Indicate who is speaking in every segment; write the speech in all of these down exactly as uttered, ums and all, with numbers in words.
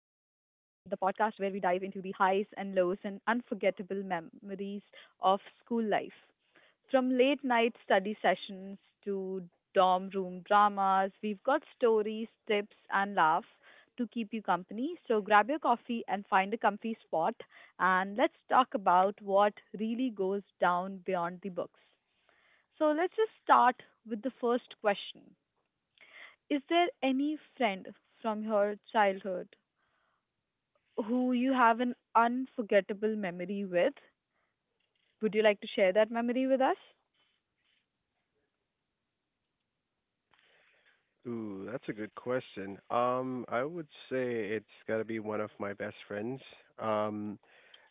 Speaker 1: the podcast where we dive into the highs and lows and unforgettable memories of school life. From late night study sessions to dorm room dramas, we've got stories, tips, and laughs to keep you company. So grab your coffee and find a comfy spot, and let's talk about what really goes down beyond the books. So let's just start with the first question. Is there any friend from your childhood who you have an unforgettable memory with? Would you like to share that memory with us?
Speaker 2: Ooh, that's a good question. Um, I would say it's got to be one of my best friends. Um,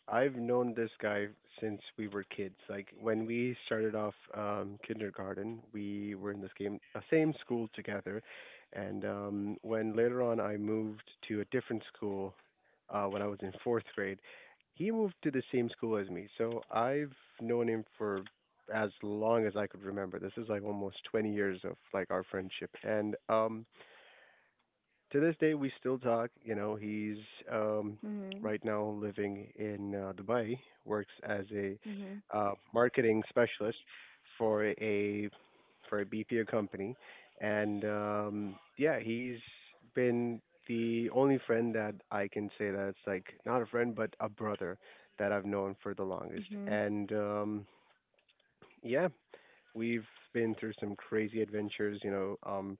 Speaker 2: I've known this guy since we were kids. Like when we started off um, kindergarten, we were in the same uh, same school together, and um, when later on I moved to a different school uh, when I was in fourth grade, he moved to the same school as me. So I've known him for as long as I could remember. This is like almost twenty years of like our friendship, and um, to this day we still talk. You know, he's um,
Speaker 1: Mhm.
Speaker 2: right now living in uh, Dubai, works as a
Speaker 1: Mhm.
Speaker 2: uh, marketing specialist for a for a B P O company, and um, yeah, he's been the only friend that I can say that it's like not a friend but a brother that I've known for the longest,
Speaker 1: Mhm.
Speaker 2: and um, yeah, we've been through some crazy adventures. You know, um,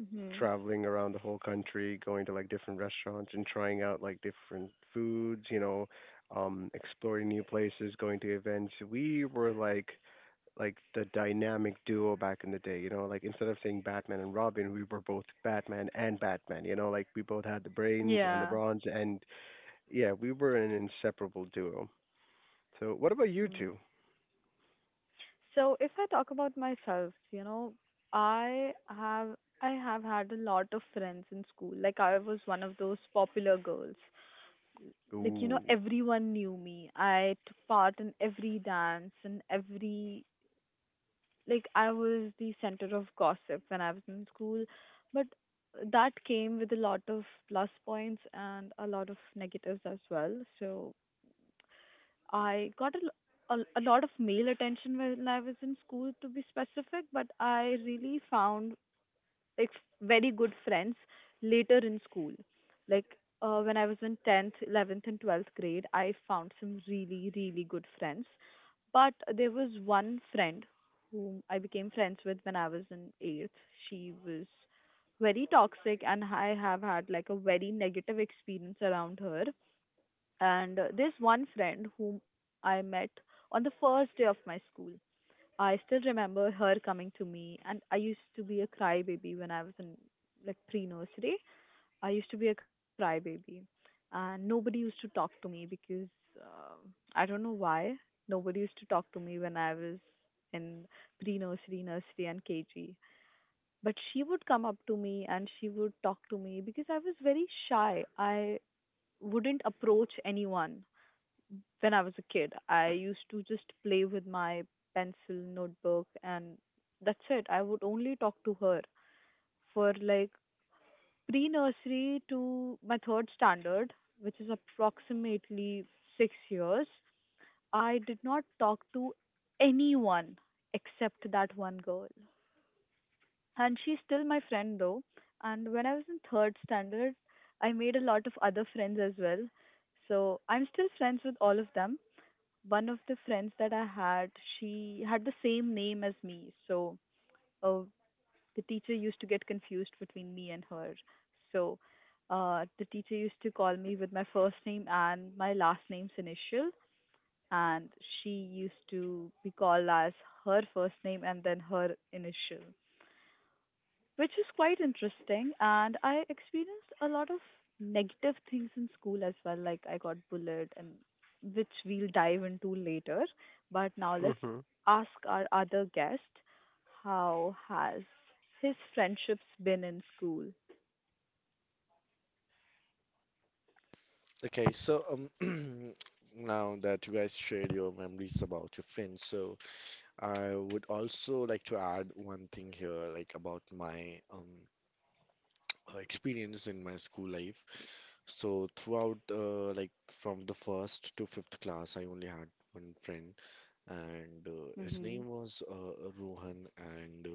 Speaker 1: Mhm.
Speaker 2: traveling around the whole country, going to like different restaurants and trying out like different foods, you know, um, exploring new places, going to events. We were like like the dynamic duo back in the day, you know, like instead of saying Batman and Robin, we were both Batman and Batman, you know, like we both had the brains and the
Speaker 1: Yeah.
Speaker 2: bronze and yeah, we were an inseparable duo. So what about you
Speaker 1: Mhm.
Speaker 2: two?
Speaker 1: So if I talk about myself, you know, I have I have had a lot of friends in school. Like I was one of those popular girls. Like you know,
Speaker 2: Ooh.
Speaker 1: everyone knew me. I took part in every dance and every like I was the center of gossip when I was in school, but that came with a lot of plus points and a lot of negatives as well. So I got a, l- a- a lot of male attention when I was in school, to be specific, but I really found like very good friends later in school. Like uh, when I was in tenth, eleventh, and twelfth grade, I found some really, really good friends, but there was one friend whom I became friends with when I was in eighth. She was very toxic, and I have had like a very negative experience around her. And uh, this one friend whom I met on the first day of my school, I still remember her coming to me, and I used to be a crybaby when I was in like pre nursery. I used to be a crybaby, and nobody used to talk to me because uh, I don't know why nobody used to talk to me when I was in pre-nursery, nursery, and K G. But she would come up to me and she would talk to me because I was very shy. I wouldn't approach anyone when I was a kid. I used to just play with my pencil, notebook, and that's it. I would only talk to her for like pre-nursery to my third standard, which is approximately six years. I did not talk to anyone except that one girl. And she's still my friend though. And when I was in third standard, I made a lot of other friends as well. So I'm still friends with all of them. One of the friends that I had, she had the same name as me. So uh, the teacher used to get confused between me and her. So uh, the teacher used to call me with my first name and my last name's initial, and she used to be called as her first name and then her initial, which is quite interesting. And I experienced a lot of negative things in school as well. Like I got bullied, and which we'll dive into later. But now let's ask our other guest, how has his friendships been in school?
Speaker 3: Okay, so um, now that you guys shared your memories about your friends, so I would also like to add one thing here, like about my um uh, experience in my school life. So throughout, uh, like from the first to fifth class, I only had one friend, and uh, his
Speaker 1: Mm-hmm.
Speaker 3: name was uh, Rohan, and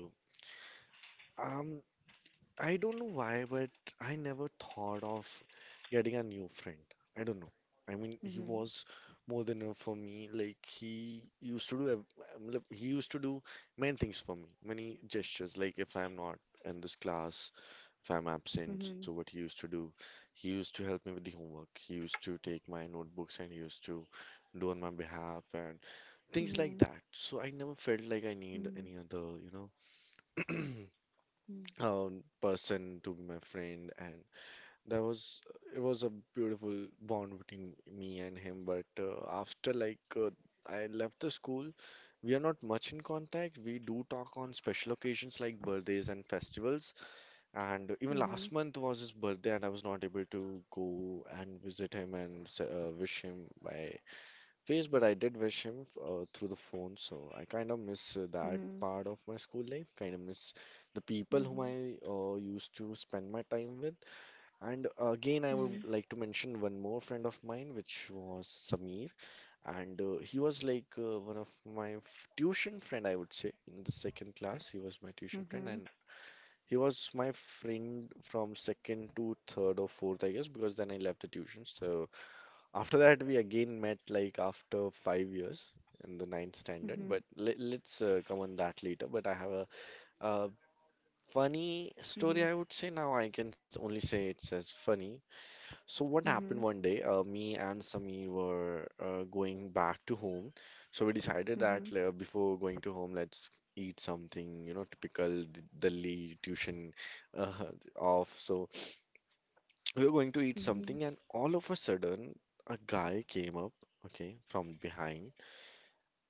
Speaker 3: uh, um, I don't know why, but I never thought of getting a new friend. I don't know. I mean, he
Speaker 1: Mm-hmm.
Speaker 3: was more than enough for me. Like he used to do, ev- um, like, he used to do many things for me, many gestures. Like if I'm not in this class, if I'm absent, so
Speaker 1: Mm-hmm.
Speaker 3: what he used to do, he used to help me with the homework. He used to take my notebooks and he used to do on my behalf and things like that. So I never felt like I need
Speaker 1: Mm-hmm.
Speaker 3: any other, you know. Um, person to be my friend, and that was it was a beautiful bond between me and him. But uh, after like uh, I left the school, we are not much in contact. We do talk on special occasions like birthdays and festivals. And even
Speaker 1: Mm-hmm. Mm-hmm.
Speaker 3: last month was his birthday, and I was not able to go and visit him and se- uh, wish him by face, but I did wish him uh, through the phone. So I kind of miss uh, that
Speaker 1: Mm-hmm.
Speaker 3: part of my school life. Kind of miss the people whom
Speaker 1: Mm-hmm.
Speaker 3: I uh, used to spend my time with. And again, I would
Speaker 1: Mm-hmm.
Speaker 3: like to mention one more friend of mine, which was Samir, and uh, he was like uh, one of my f- tuition friend, I would say, in the second class. He was my tuition
Speaker 1: Mm-hmm.
Speaker 3: friend,
Speaker 1: Mm-hmm.
Speaker 3: and he was my friend from second to third or fourth, I guess, because then I left the tuition. So. After that, we again met like after five years in the ninth standard, but let, let's uh, come on that later. But I have a, uh funny story, I would say now. I can s- only say it's as funny. So, what happened
Speaker 1: Mm-hmm.
Speaker 3: one day, uh, me and Samir were uh, going back to home. So, we decided that
Speaker 1: Mm-hmm.
Speaker 3: uh, before going to home, let's eat something, you know, typical D- Delhi tuition uh, off. So, we were going to eat
Speaker 1: Mm-hmm.
Speaker 3: something, and all of a sudden, a guy came up, okay, from behind,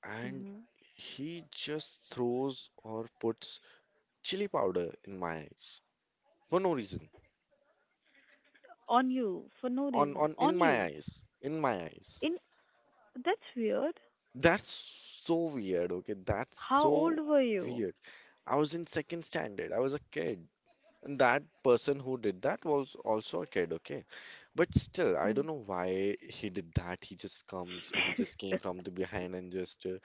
Speaker 3: and
Speaker 1: Mm-hmm.
Speaker 3: he just throws or puts chili powder in my eyes for no reason.
Speaker 1: On you for no
Speaker 3: On
Speaker 1: reason.
Speaker 3: on in
Speaker 1: On
Speaker 3: my
Speaker 1: you.
Speaker 3: eyes, in my eyes.
Speaker 1: In that's weird.
Speaker 3: That's so weird, okay? That's
Speaker 1: How
Speaker 3: so
Speaker 1: old were you?
Speaker 3: weird. I was in second standard. I was a kid. And that person who did that was also a kid, okay? But still, I
Speaker 1: Hmm.
Speaker 3: don't know why he did that. He just comes, he just came from the behind and just uh,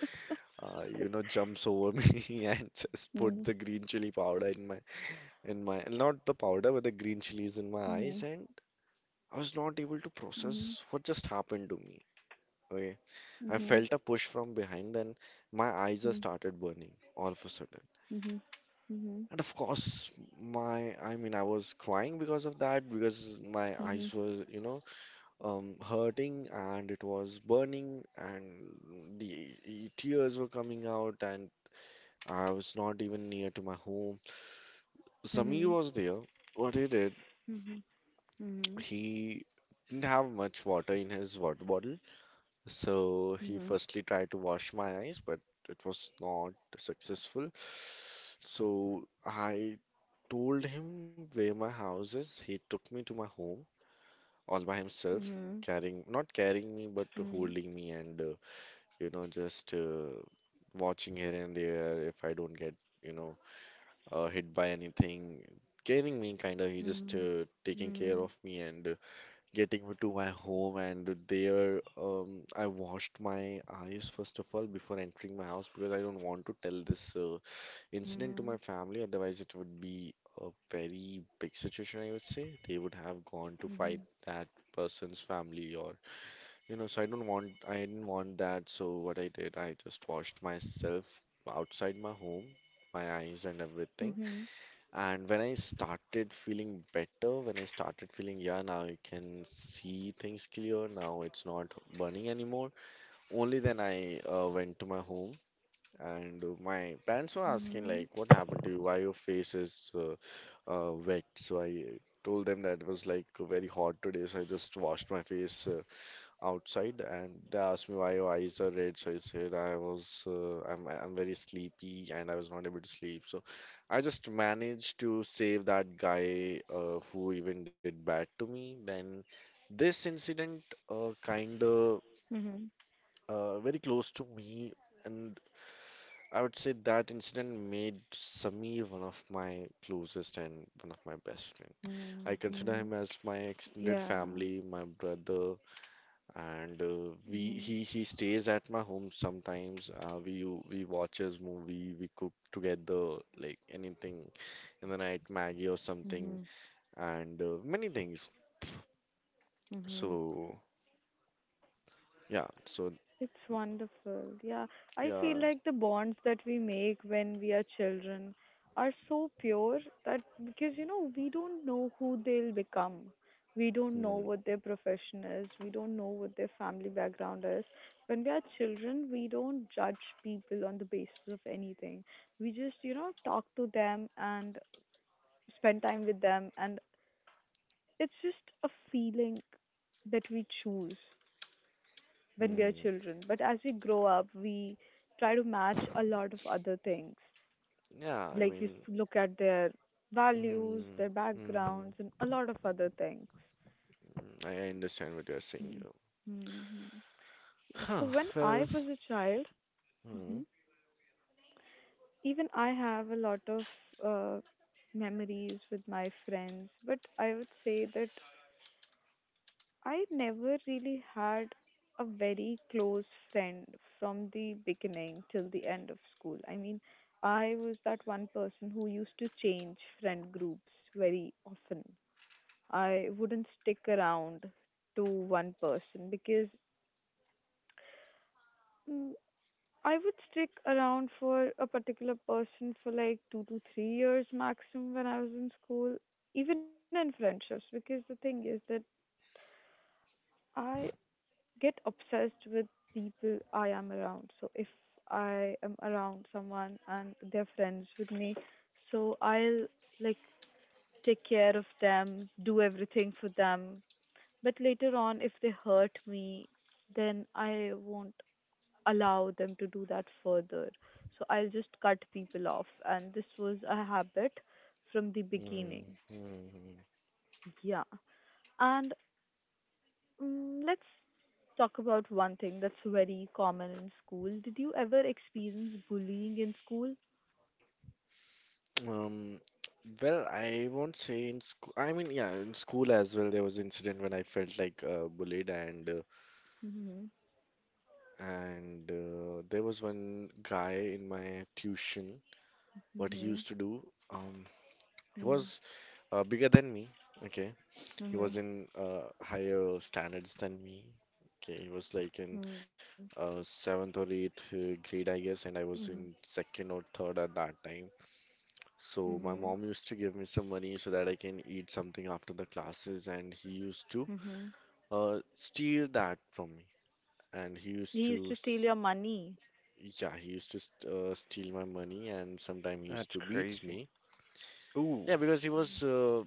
Speaker 3: uh, you know, jumps over me and just put
Speaker 1: Mhm,
Speaker 3: the green chili powder in my in my not the powder but the green chilies in my eyes,
Speaker 1: mhm,
Speaker 3: and I was not able to
Speaker 1: mhm,
Speaker 3: process what just happened to me. Okay, I
Speaker 1: mhm,
Speaker 3: felt a push from behind, then my eyes just
Speaker 1: mhm,
Speaker 3: started burning all of a sudden.
Speaker 1: mhm, mhm,
Speaker 3: And of course, my I mean, I was crying because of that because my eyes was you know, um, hurting and it was burning and the tears were coming out and I was not even near to my home.
Speaker 1: mhm, mhm,
Speaker 3: Samir was
Speaker 1: mhm,
Speaker 3: there. What he did,
Speaker 1: mhm,
Speaker 3: he didn't have much water in his water bottle. So he
Speaker 1: mhm,
Speaker 3: firstly tried to wash my eyes, but it was not successful. So I told him where my house is. He took me to my home all by himself, carrying, not carrying me, but
Speaker 1: mhm, mhm, mhm,
Speaker 3: holding me and, uh, you know, just uh, watching here and there if I don't get, you know, uh, hit by anything, caring me kind of. He just uh, taking care
Speaker 1: mhm,
Speaker 3: of me and uh, getting me to my home. And there, um, I washed my eyes first of all before entering my house because I don't want to tell this uh, incident to my family. Otherwise, it would be a very big situation, I would say. They would have gone to fight that person's family or you know So i don't want i didn't want that. So what I did, I just washed myself outside my home, my eyes and everything. And when I started feeling better, when I started feeling, yeah, now you can see things clear, now it's not burning anymore. Only then I uh, went to my home, and uh, my parents were asking, like, what happened to you? Why your face is uh, uh, wet? So I told them that it was like very hot today, so I just washed my face uh, outside, and they asked me why your eyes are red. So I said I was uh, I'm I'm very sleepy and I was not able to sleep. So I just managed to save that guy uh, who even did bad to me. Then this incident uh, kind of
Speaker 1: Mhm. Mhm, mhm,
Speaker 3: uh, very close to me, and I would say that incident made Samir one of my closest and one of my best friend. I
Speaker 1: mhm,
Speaker 3: consider
Speaker 1: mhm.
Speaker 3: him as my extended
Speaker 1: Yeah.
Speaker 3: family, my brother, and uh, we
Speaker 1: Mhm,
Speaker 3: he he stays at my home sometimes. Uh, we we watches movie, we cook together like anything in the night, Maggie or something,
Speaker 1: mhm,
Speaker 3: and uh, many things.
Speaker 1: mhm.
Speaker 3: So yeah. So
Speaker 1: It's wonderful. Yeah, I
Speaker 3: yeah.
Speaker 1: feel like the bonds that we make when we are children are so pure, that because you know, we don't know who they'll become. We don't know
Speaker 3: Hmm,
Speaker 1: what their profession is. We don't know what their family background is. When we are children, we don't judge people on the basis of anything. We just, you know, talk to them and spend time with them. And it's just a feeling that we choose when we are
Speaker 3: hmm.
Speaker 1: children. But as we grow up, we try to match a lot of other things.
Speaker 3: Yeah, I
Speaker 1: Like we s-
Speaker 3: mean,
Speaker 1: look at their values,
Speaker 3: hmm,
Speaker 1: their
Speaker 3: hmm, hmm,
Speaker 1: backgrounds, and a lot of other things.
Speaker 3: I I understand what you're saying, you
Speaker 1: Hmm.
Speaker 3: know.
Speaker 1: Hmm. Hmm. Yeah.
Speaker 3: Huh.
Speaker 1: So when
Speaker 3: Well,
Speaker 1: I was a child,
Speaker 3: hmm,
Speaker 1: Mhm. even I have a lot of uh, memories with my friends, but I would say that I never really had a very close friend from the beginning till the end of school. I mean, I was that one person who used to change friend groups very often. I wouldn't stick around to one person because mm, I would stick around for a particular person for like two to three years maximum when I was in school, even in friendships. Because the thing is that I get obsessed with people I am around. So if I am around someone and they're friends with me, so I'll like take care of them, do everything for them. But later on, if they hurt me, then I won't allow them to do that further. So I'll just cut people off. And this was a habit from the beginning.
Speaker 3: hmm, hmm, hmm.
Speaker 1: Yeah. And Mm, let's talk about one thing that's very common in school. Did you ever experience bullying in school?
Speaker 3: Um, well, I won't say in school. I mean, yeah, in school as well, there was an incident when I felt like uh, bullied, and uh,
Speaker 1: Mm-hmm.
Speaker 3: and uh, there was one guy in my tuition. What he
Speaker 1: Mm-hmm.
Speaker 3: used to do, um, he
Speaker 1: Mm-hmm.
Speaker 3: was uh, bigger than me. Okay, he was in uh, higher standards than me. Okay, he was like in
Speaker 1: Mm-hmm.
Speaker 3: uh, seventh or eighth uh, grade, I guess, and I
Speaker 1: Mm-hmm.
Speaker 3: was in second or third at that time. So my
Speaker 1: Mm-hmm.
Speaker 3: mom used to give me some money so that I can eat something after the classes, and he used to
Speaker 1: Mm-hmm.
Speaker 3: uh, steal that from me. And he used
Speaker 1: He used
Speaker 3: to,
Speaker 1: to steal
Speaker 3: s-
Speaker 1: your money.
Speaker 3: yeah, he used to st- uh, steal my money, and sometimes he used
Speaker 4: That's
Speaker 3: to beats
Speaker 4: crazy.
Speaker 3: me.
Speaker 4: Ooh,
Speaker 3: Yeah, because he was uh,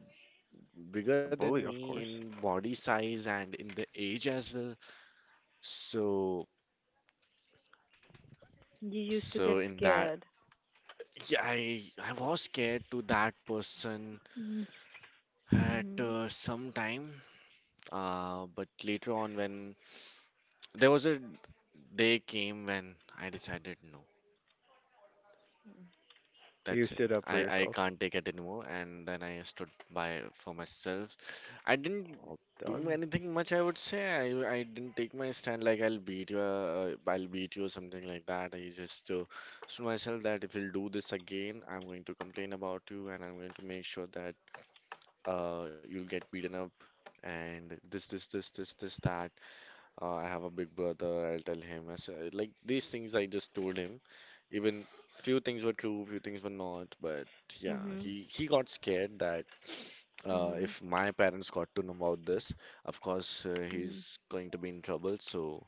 Speaker 3: bigger
Speaker 4: a
Speaker 3: than
Speaker 4: bully, of
Speaker 3: me
Speaker 4: course.
Speaker 3: in body size and in the age as well. So,
Speaker 1: You used to get
Speaker 3: so in that,
Speaker 1: scared.
Speaker 3: yeah, I I was scared to that person
Speaker 1: Mm-hmm.
Speaker 3: at
Speaker 1: Mm-hmm.
Speaker 3: uh, some time. Uh, but later on, when there was a day came when I decided no,
Speaker 4: You
Speaker 3: that's it.
Speaker 4: stood up for
Speaker 3: I, I
Speaker 4: yourself.
Speaker 3: can't take it anymore, and then I stood by for myself. I didn't
Speaker 4: Well
Speaker 3: do
Speaker 4: done.
Speaker 3: anything much, I would say. I, I didn't take my stand like I'll beat you, uh, I'll beat you, something like that. I just uh, told myself that if you'll do this again, I'm going to complain about you, and I'm going to make sure that uh, you'll get beaten up. And this, this, this, this, this, that. Uh, I have a big brother. I'll tell him. I said, like these things, I just told him. Even few things were true, few things were not. But yeah,
Speaker 1: Mm-hmm.
Speaker 3: he he got scared that uh,
Speaker 1: Mm-hmm.
Speaker 3: if my parents got to know about this, of course uh,
Speaker 1: Mm-hmm.
Speaker 3: he's going to be in trouble. So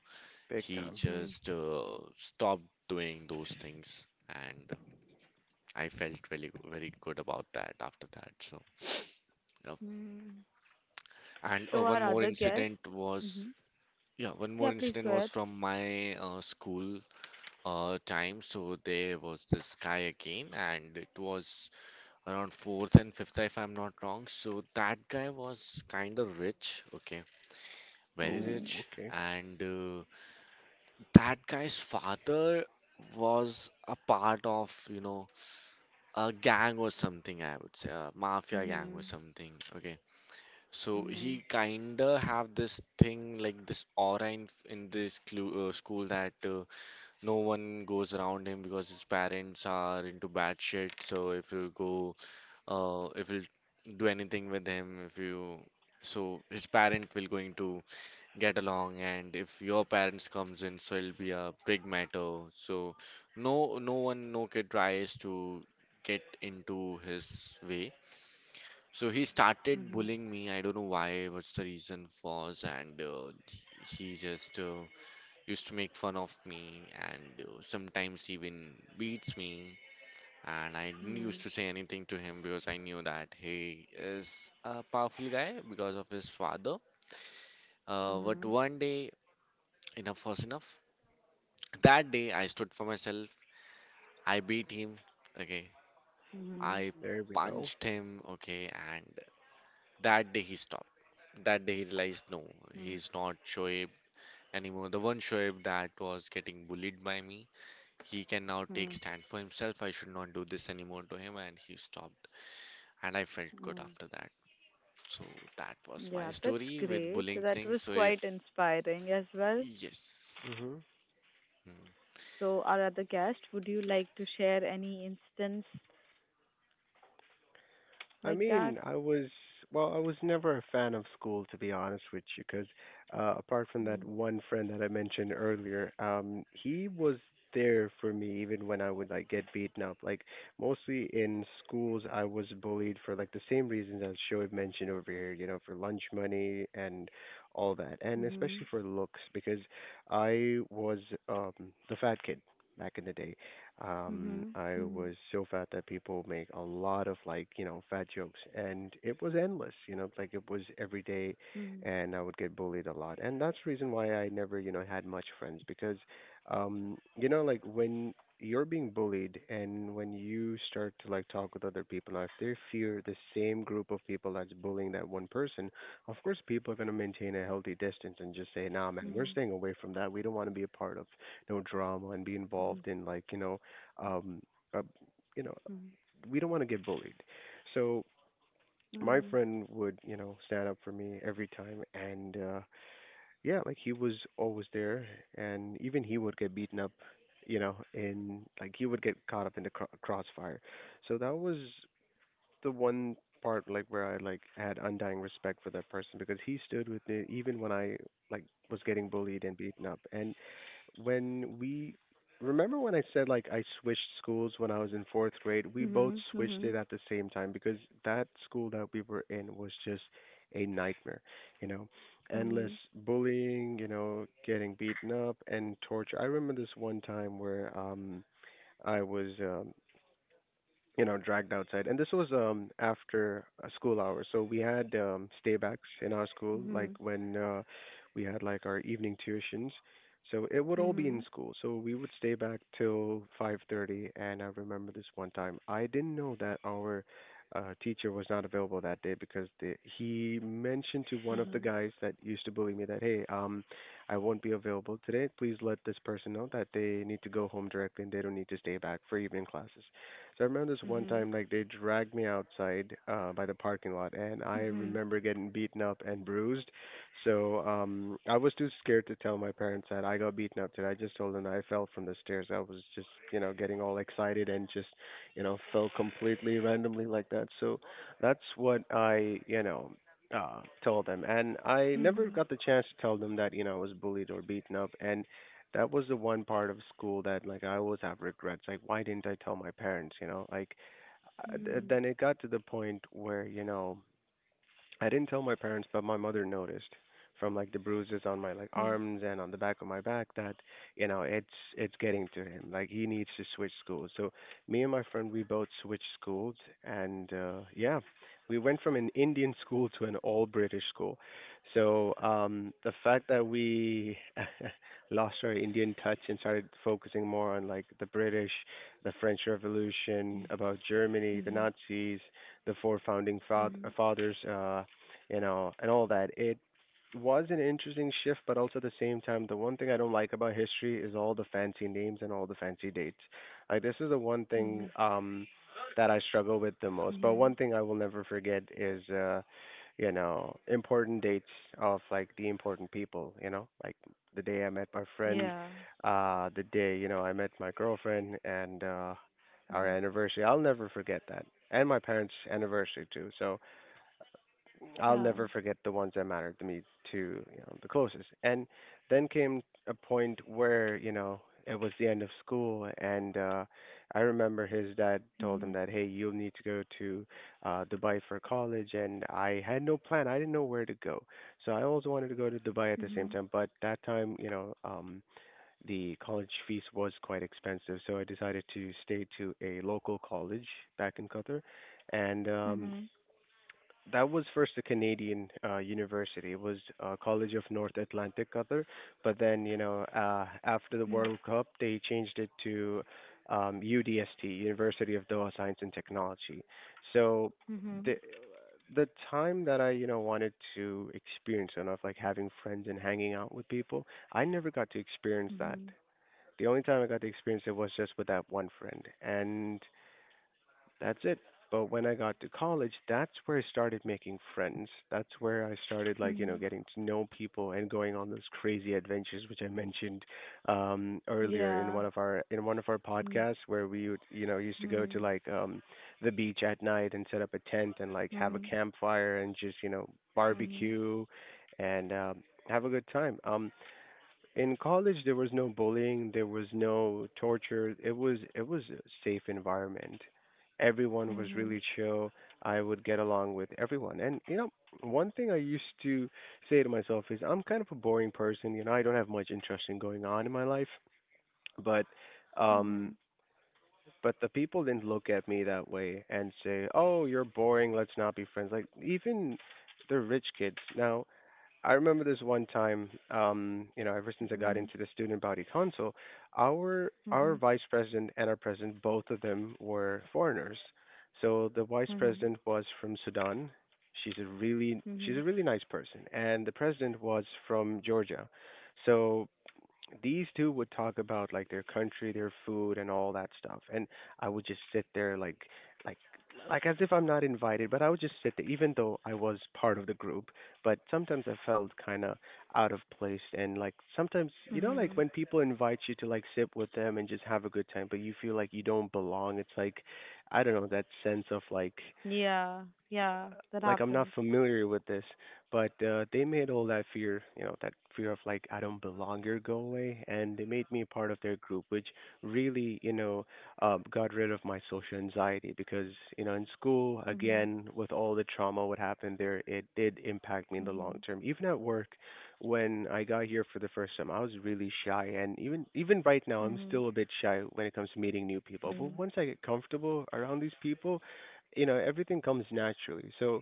Speaker 4: Big
Speaker 3: he
Speaker 4: time.
Speaker 1: Mm-hmm.
Speaker 3: just uh, stopped doing those things, and I felt really very good about that after that. So yeah.
Speaker 1: Mm-hmm.
Speaker 3: And uh,
Speaker 1: So
Speaker 3: one
Speaker 1: our
Speaker 3: more
Speaker 1: other guest.
Speaker 3: incident was
Speaker 1: Mm-hmm.
Speaker 3: Yeah, one more
Speaker 1: Yeah, please
Speaker 3: incident
Speaker 1: go
Speaker 3: was
Speaker 1: ahead.
Speaker 3: from my uh, school uh, time. So there was this guy again, and it was around fourth and fifth, if I'm not wrong. So that guy was kind of rich, okay, very
Speaker 4: Ooh,
Speaker 1: Mm-hmm.
Speaker 3: rich,
Speaker 4: okay.
Speaker 3: and uh, that guy's father was a part of, you know, a gang or something, I would say, a mafia gang
Speaker 1: Mm-hmm.
Speaker 3: or something, okay. So
Speaker 1: Mm-hmm.
Speaker 3: he kinda have this thing like this aura in in this clu uh, school that uh, no one goes around him because his parents are into bad shit. So if you go uh, if you'll do anything with him, if you so his parent will going to get along, and if your parents comes in, so it'll be a big matter. So no, no one, no kid tries to get into his way. So he started
Speaker 1: Mm-hmm.
Speaker 3: bullying me. I don't know why, what's the reason was, and uh, he just uh, used to make fun of me, and uh, sometimes even beats me, and I didn't used to say anything to him because I knew that he is a powerful guy because of his father. Uh, but
Speaker 1: Mm-hmm.
Speaker 3: one day, enough was enough. That day, I stood for myself. I beat him. Okay,
Speaker 1: Mhm,
Speaker 3: I
Speaker 4: There we go.
Speaker 3: punched him. Okay, and that day he stopped. That day he realized no,
Speaker 1: mm,
Speaker 3: he's not Shoaib anymore. The one Shoaib that was getting bullied by me, he can now take
Speaker 1: mm,
Speaker 3: stand for himself. I should not do this anymore to him, and he stopped. And I felt good
Speaker 1: mm.
Speaker 3: after that. So that was my
Speaker 1: Yeah, that's
Speaker 3: story with
Speaker 1: great.
Speaker 3: bullying
Speaker 1: That
Speaker 3: things.
Speaker 1: was
Speaker 3: So
Speaker 1: quite
Speaker 3: if
Speaker 1: inspiring as well.
Speaker 3: yes.
Speaker 4: Hmm.
Speaker 3: Hmm.
Speaker 1: So, our other guest, would you like to share any instance
Speaker 4: I
Speaker 1: like that?
Speaker 4: mean, I was well, I was never a fan of school to be honest with you, 'cause uh, apart from that
Speaker 1: Mm,
Speaker 4: one friend that I mentioned earlier, um, he was there for me even when I would like get beaten up. Like mostly in schools, I was bullied for like the same reasons as Shoaib mentioned over here, you know, for lunch money and all that, and
Speaker 1: mhm,
Speaker 4: especially for looks because I was um the fat kid back in the day. Um,
Speaker 1: mhm,
Speaker 4: I
Speaker 1: mhm,
Speaker 4: was so fat that people make a lot of like, you know, fat jokes and it was endless, you know, like it was every day and I would get bullied a lot. And that's the reason why I never, you know, had much friends because um, you know, like when you're being bullied and when you start to like talk with other people now if they fear the same group of people that's bullying that one person of course people are going to maintain a healthy distance and just say nah man we're
Speaker 1: mhm,
Speaker 4: staying away from that we don't want to be a part of no drama and be
Speaker 1: mhm,
Speaker 4: involved in like you know um uh, you know we don't want to get bullied so my
Speaker 1: mhm,
Speaker 4: friend would you know stand up for me every time and uh yeah like he was always there and even he would get beaten up you know in like he would get caught up in the cro- crossfire. So that was the one part like where I like had undying respect for that person because he stood with me even when I like was getting bullied and beaten up. And when we remember when I said like I switched schools when I was in fourth grade, we both
Speaker 1: mhm,
Speaker 4: switched it
Speaker 1: mhm,
Speaker 4: at the same time because that school that we were in was just a nightmare, you know,
Speaker 1: mhm,
Speaker 4: endless
Speaker 1: mhm,
Speaker 4: bullying, you know, getting beaten up and torture. I remember this one time where um I was um you know, dragged outside. And this was um after uh, school hours, so we had um staybacks in our school, like
Speaker 1: mhm,
Speaker 4: when uh, we had like our evening tuitions. So it would all be in
Speaker 1: mhm,
Speaker 4: school. So we would stay back till five thirty. And I remember this one time, I didn't know that our uh, teacher was not available that day because the, he mentioned to one of the
Speaker 1: mhm,
Speaker 4: guys that used to bully me that, hey, um, I won't be available today. Please let this person know that they need to go home directly and they don't need to stay back for evening classes. So I remember this one
Speaker 1: mhm,
Speaker 4: time, like they dragged me outside uh, by the parking lot, and
Speaker 1: mhm,
Speaker 4: I
Speaker 1: mhm, mhm, mhm, mhm,
Speaker 4: remember getting beaten up and bruised. So um, I was too scared to tell my parents that I got beaten up. Today, I just told them I fell from the stairs. I was just, you know, getting all excited and just, you know, fell completely randomly like that. So that's what I, you know. Uh, told them, and I never got the chance to tell them that you know I was bullied or beaten up, and that was the one part of school that like I always have regrets. Like, why didn't I tell my parents, you know? Like, uh, th- then it got to the point where, you know, I didn't tell my parents, but my mother noticed from like the bruises on my like
Speaker 1: mhm,
Speaker 4: arms and on the back of my back that you know it's it's getting to him. Like he needs to switch schools. So me and my friend we both switched schools, and uh, yeah, we went from an Indian school to an all British school. So um, the fact that we lost our Indian touch and started focusing more on like the British, the French Revolution, about Germany, the Nazis, the four founding fa- fathers. Uh, you know, and all that. It was an interesting shift, but also at the same time, the one thing I don't like about history is all the fancy names and all the fancy dates. Like this is the one
Speaker 1: mhm,
Speaker 4: thing
Speaker 1: mhm,
Speaker 4: um that I struggle with the most. But
Speaker 1: mhm.
Speaker 4: one thing I will never forget is uh you know, important dates of like the important people, you know, like the day I met my friend,
Speaker 1: Yeah.
Speaker 4: uh the day, you know, I met my girlfriend and uh our
Speaker 1: Mm.
Speaker 4: anniversary. I'll never forget that. And my parents' anniversary too. So I'll
Speaker 1: Yeah.
Speaker 4: never forget the ones that mattered to me to you know the closest. And then came a point where you know it was the end of school, and uh, I remember his dad told him
Speaker 1: Mhm.
Speaker 4: that hey, you'll need to go to uh, Dubai for college, and I had no plan. I didn't know where to go, so I also wanted to go to Dubai at the same
Speaker 1: Mhm.
Speaker 4: time. But that time, you know, um, the college fees was quite expensive, so I decided to stay to a local college back in Qatar, and um,
Speaker 1: Mhm.
Speaker 4: that was first a Canadian uh, university. It was uh, College of North Atlantic, Qatar. But then, you know, uh, after the
Speaker 1: Mhm.
Speaker 4: World Cup, they changed it to um, U D S T, University of Doha Science and Technology. So
Speaker 1: Mhm.
Speaker 4: the the time that I, you know, wanted to experience and of like having friends and hanging out with people, I never got to experience that.
Speaker 1: Mhm.
Speaker 4: The only time I got to experience it was just with that one friend, and that's it. But when I got to college, that's where I started making friends. That's where I started like, you know,
Speaker 1: Mhm.
Speaker 4: getting to know people and going on those crazy adventures which I mentioned um earlier in
Speaker 1: Yeah.
Speaker 4: one of our in one of our
Speaker 1: Mhm.
Speaker 4: podcasts where we would, you know, used to go to like um the beach at night and set up a tent and like have a
Speaker 1: Mhm.
Speaker 4: campfire and just, you know,
Speaker 1: Mhm.
Speaker 4: barbecue and um have a good time. Um in college, there was no bullying, there was no torture. It was it was a safe environment. Everyone was
Speaker 1: Mhm.
Speaker 4: really chill. I would get along with everyone. And you know, one thing I used to say to myself is I'm kind of a boring person, you know, I don't have much interesting going on in my life, but um
Speaker 1: Mhm.
Speaker 4: but the people didn't look at me that way and say, "Oh, you're boring. Let's not be friends." Like even the rich kids. Now, I remember this one time, um, you know, ever since I got
Speaker 1: Mhm.
Speaker 4: into the student body council, our
Speaker 1: Mhm.
Speaker 4: our
Speaker 1: Mhm.
Speaker 4: vice president and our president, both of them were foreigners. So the vice
Speaker 1: Mhm.
Speaker 4: president was from Sudan. She's a really she's
Speaker 1: Mhm.
Speaker 4: a really nice person, and the president was from Georgia. So these two would talk about like their country, their food, and all that stuff. And I would just sit there like, like, like as if I'm not invited, but I would just sit there, even though I was part of the group. But sometimes I felt kind of out of place, and like sometimes you know, like
Speaker 1: Mhm.
Speaker 4: when people invite you to like sit with them and just have a good time, but you feel like you don't belong. It's like I don't know that sense of like
Speaker 1: Yeah. Yeah. That
Speaker 4: like I'm not
Speaker 1: happens.
Speaker 4: familiar with this, but uh, they made all that fear, you know, that fear of like I don't belong here go away, and they made me a part of their group, which really, you know, uh, got rid of my social anxiety because you know in school
Speaker 1: Mhm.
Speaker 4: again with all the trauma what happened there, it did impact me in the long
Speaker 1: Mhm.
Speaker 4: term. Even at work, when I got here for the first time, I was really shy, and even even right now, I'm
Speaker 1: Mhm.
Speaker 4: still a bit shy when it comes to meeting new people. But
Speaker 1: Mhm.
Speaker 4: once I get comfortable around these people you know everything comes naturally so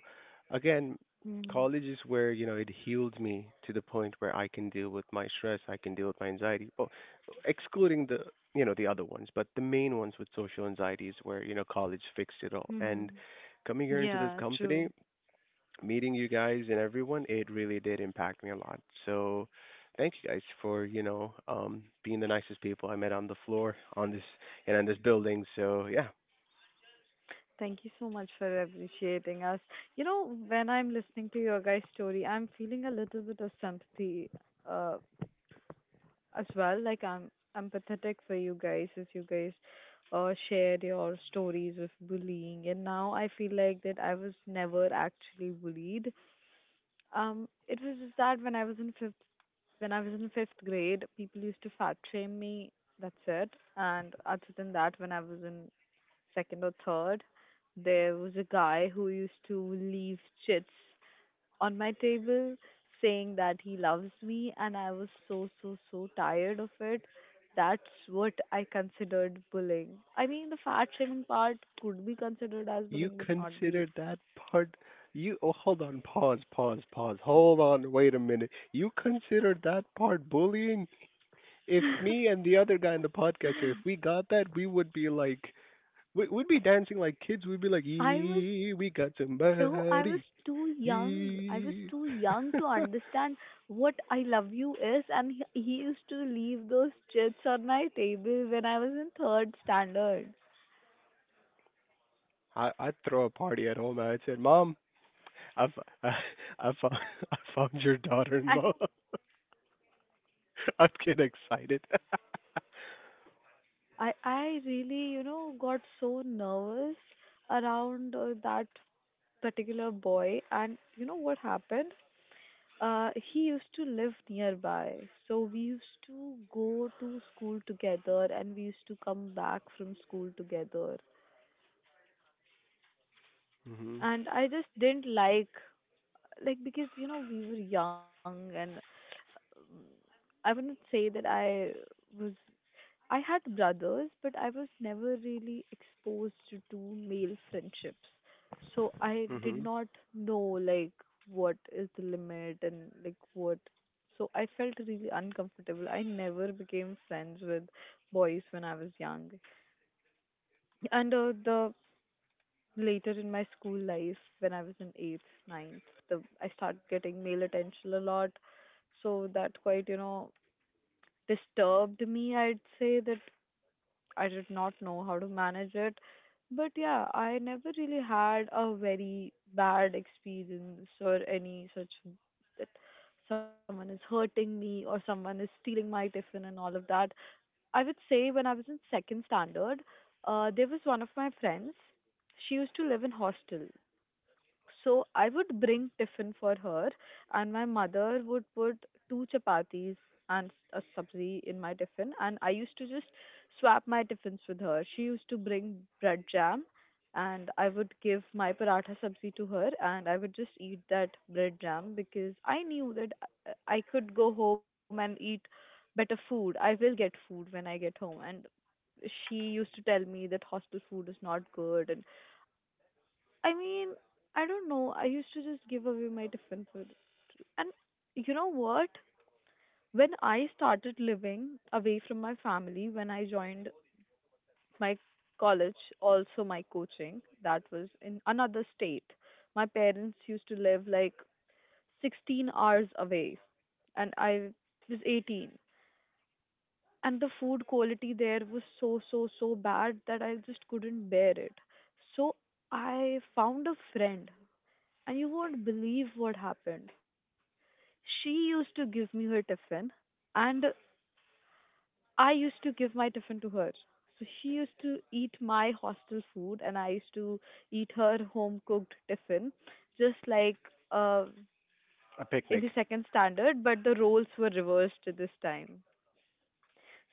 Speaker 4: again,
Speaker 1: Mhm.
Speaker 4: college is where, you know, it healed me to the point where I can deal with my stress, I can deal with my anxiety. Well, excluding the, you know, the other ones, but the main ones with social anxiety is where, you know, college fixed it all. And
Speaker 1: Mhm.
Speaker 4: coming here into this
Speaker 1: Yeah,
Speaker 4: company,
Speaker 1: true.
Speaker 4: meeting you guys and everyone, it really did impact me a lot. So thank you guys for, you know, um being the nicest people I met on the floor on this and in this building. So yeah,
Speaker 1: Thank you so much for appreciating us. You know, when I'm listening to your guys' story, I'm feeling a little bit of sympathy uh, as well. Like I'm empathetic for you guys as you guys uh, share your stories of bullying, and now I feel like that I was never actually bullied. Um, it was just that when I was in fifth when I was in fifth grade, people used to fat shame me. That's it. And other than that, when I was in second or third, there was a guy who used to leave chits on my table saying that he loves me, and I was so, so, so tired of it. That's what I considered bullying. I mean, the fat shaming part could be considered as
Speaker 4: You
Speaker 1: bullying but not the
Speaker 4: consider that part you oh hold on, pause, pause, pause. Hold on, wait a minute. You consider that part bullying? If me and the other guy in the podcast here, if we got that, we would be like we would be dancing like kids. We'd be like,
Speaker 1: I was—
Speaker 4: "Yee, we got
Speaker 1: no, I was
Speaker 4: somebody."
Speaker 1: too young. I was
Speaker 4: Yee.
Speaker 1: too young to understand what I love you is, and he, he used to leave those chits on my table when I was in third standard.
Speaker 4: I I'd throw a party at home. I'd say, "Mom, I fo- I I found I found your daughter-in-law." I'd get excited.
Speaker 1: I I really, you know, got so nervous around uh, that particular boy, and you know what happened? Uh, he used to live nearby, so we used to go to school together, and we used to come back from school together.
Speaker 4: Mhm.
Speaker 1: And I just didn't like, like because you know we were young, and um, I wouldn't say that I was I had brothers, but I was never really exposed to two male friendships. So I did
Speaker 4: Mhm.
Speaker 1: not know like what is the limit and like what. So I felt really uncomfortable. I never became friends with boys when I was young. And uh, the later in my school life, when I was in eighth, ninth, the I started getting male attention a lot. So that quite you know disturbed me. I'd say that I did not know how to manage it. But yeah, I never really had a very bad experience or any such that someone is hurting me or someone is stealing my tiffin and all of that. I would say when I was in second standard, uh, there was one of my friends. She used to live in hostel, so I would bring tiffin for her, and my mother would put two chapatis and a sabzi in my tiffin. And I used to just swap my tiffins with her. She used to bring bread jam, and I would give my paratha sabzi to her, and I would just eat that bread jam because I knew that I I could go home and eat better food. I will get food when I get home, and she used to tell me that hostel food is not good, and I mean, I don't know. I used to just give away my differences. And you know what? When I started living away from my family, when I joined my college, also my coaching, that was in another state. My parents used to live like sixteen hours away, and I was eighteen. And the food quality there was so, so, so bad that I just couldn't bear it. So I found a friend, and you won't believe what happened. She used to give me her tiffin, and I used to give my tiffin to her. So she used to eat my hostel food, and I used to eat her home cooked tiffin, just like uh,
Speaker 4: A
Speaker 1: in the
Speaker 4: picnic.
Speaker 1: second standard, but the roles were reversed this time.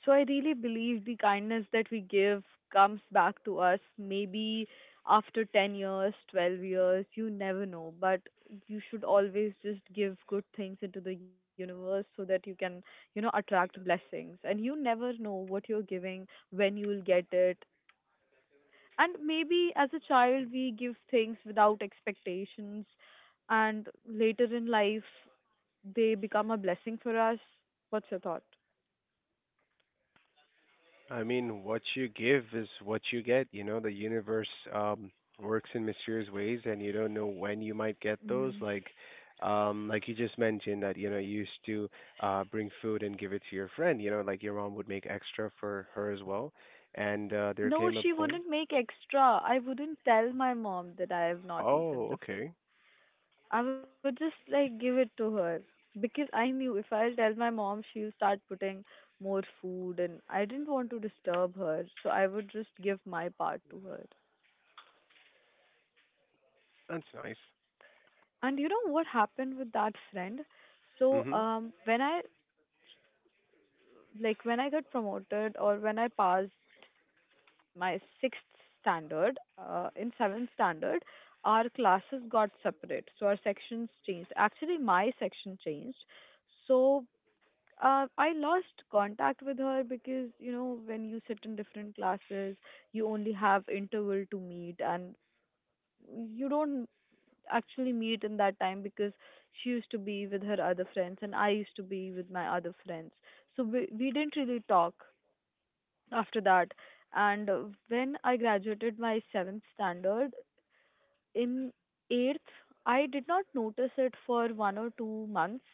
Speaker 1: So I really believe the kindness that we give comes back to us maybe after ten years, twelve years, you never know. But you should always just give good things into the universe so that you can, you know, attract blessings. And you never know what you're giving, when you will get it. And maybe as a child, we give things without expectations. And later in life, they become a blessing for us. What's your thought?
Speaker 4: I mean, what you give is what you get. You know, the universe um works in mysterious ways and you don't know when you might get those. Like um like you just mentioned that, you know, you used to uh bring food and give it to your friend, you know, like your mom would make extra for her as well. And uh there
Speaker 1: No,
Speaker 4: came a
Speaker 1: she
Speaker 4: point.
Speaker 1: wouldn't make extra. I wouldn't tell my mom that I have not eaten
Speaker 4: Oh,
Speaker 1: tiffin.
Speaker 4: okay.
Speaker 1: I would just like give it to her because I knew if I'll tell my mom, she'll start putting more food, and I didn't want to disturb her, so I would just give my part to her.
Speaker 4: That's nice.
Speaker 1: And you know what happened with that friend? So,
Speaker 4: Mhm.
Speaker 1: um, when I— like when I got promoted or when I passed my sixth standard, uh, in seventh standard, our classes got separate. So our sections changed. Actually, my section changed. So uh, I lost contact with her because, you know, when you sit in different classes, you only have interval to meet, and you don't actually meet in that time because she used to be with her other friends and I used to be with my other friends. So we, we didn't really talk after that. And uh, when I graduated my seventh standard, in eighth, I did not notice it for one or two months.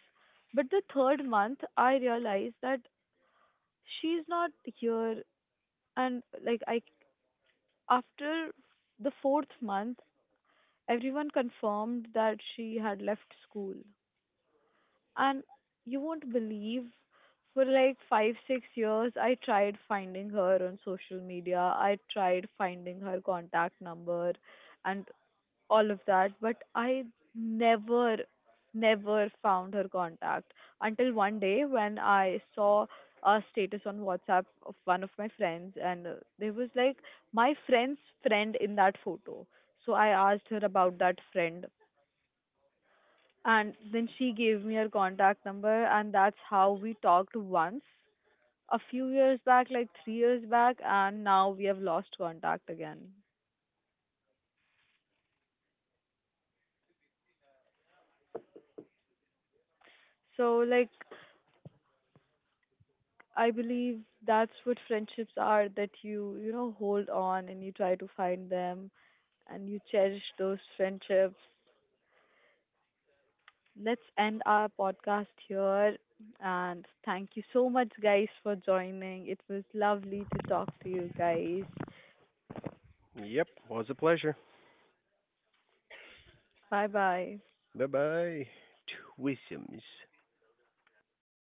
Speaker 1: But the third month, I realized that she's not here. And like, I, after the fourth month, everyone confirmed that she had left school. And you won't believe, for like five, six years, I tried finding her on social media. I tried finding her contact number and all of that, but I never, never found her contact until one day when I saw a status on WhatsApp of one of my friends, and uh, there was like my friend's friend in that photo. So I asked her about that friend, and then she gave me her contact number, and that's how we talked once a few years back, like three years back, and now we have lost contact again. So, like, I believe that's what friendships are, that you, you know, hold on and you try to find them and you cherish those friendships. Let's end our podcast here. And thank you so much, guys, for joining. It was lovely to talk to you guys.
Speaker 4: Yep, was a pleasure.
Speaker 1: Bye bye.
Speaker 4: Bye-bye. Twisms.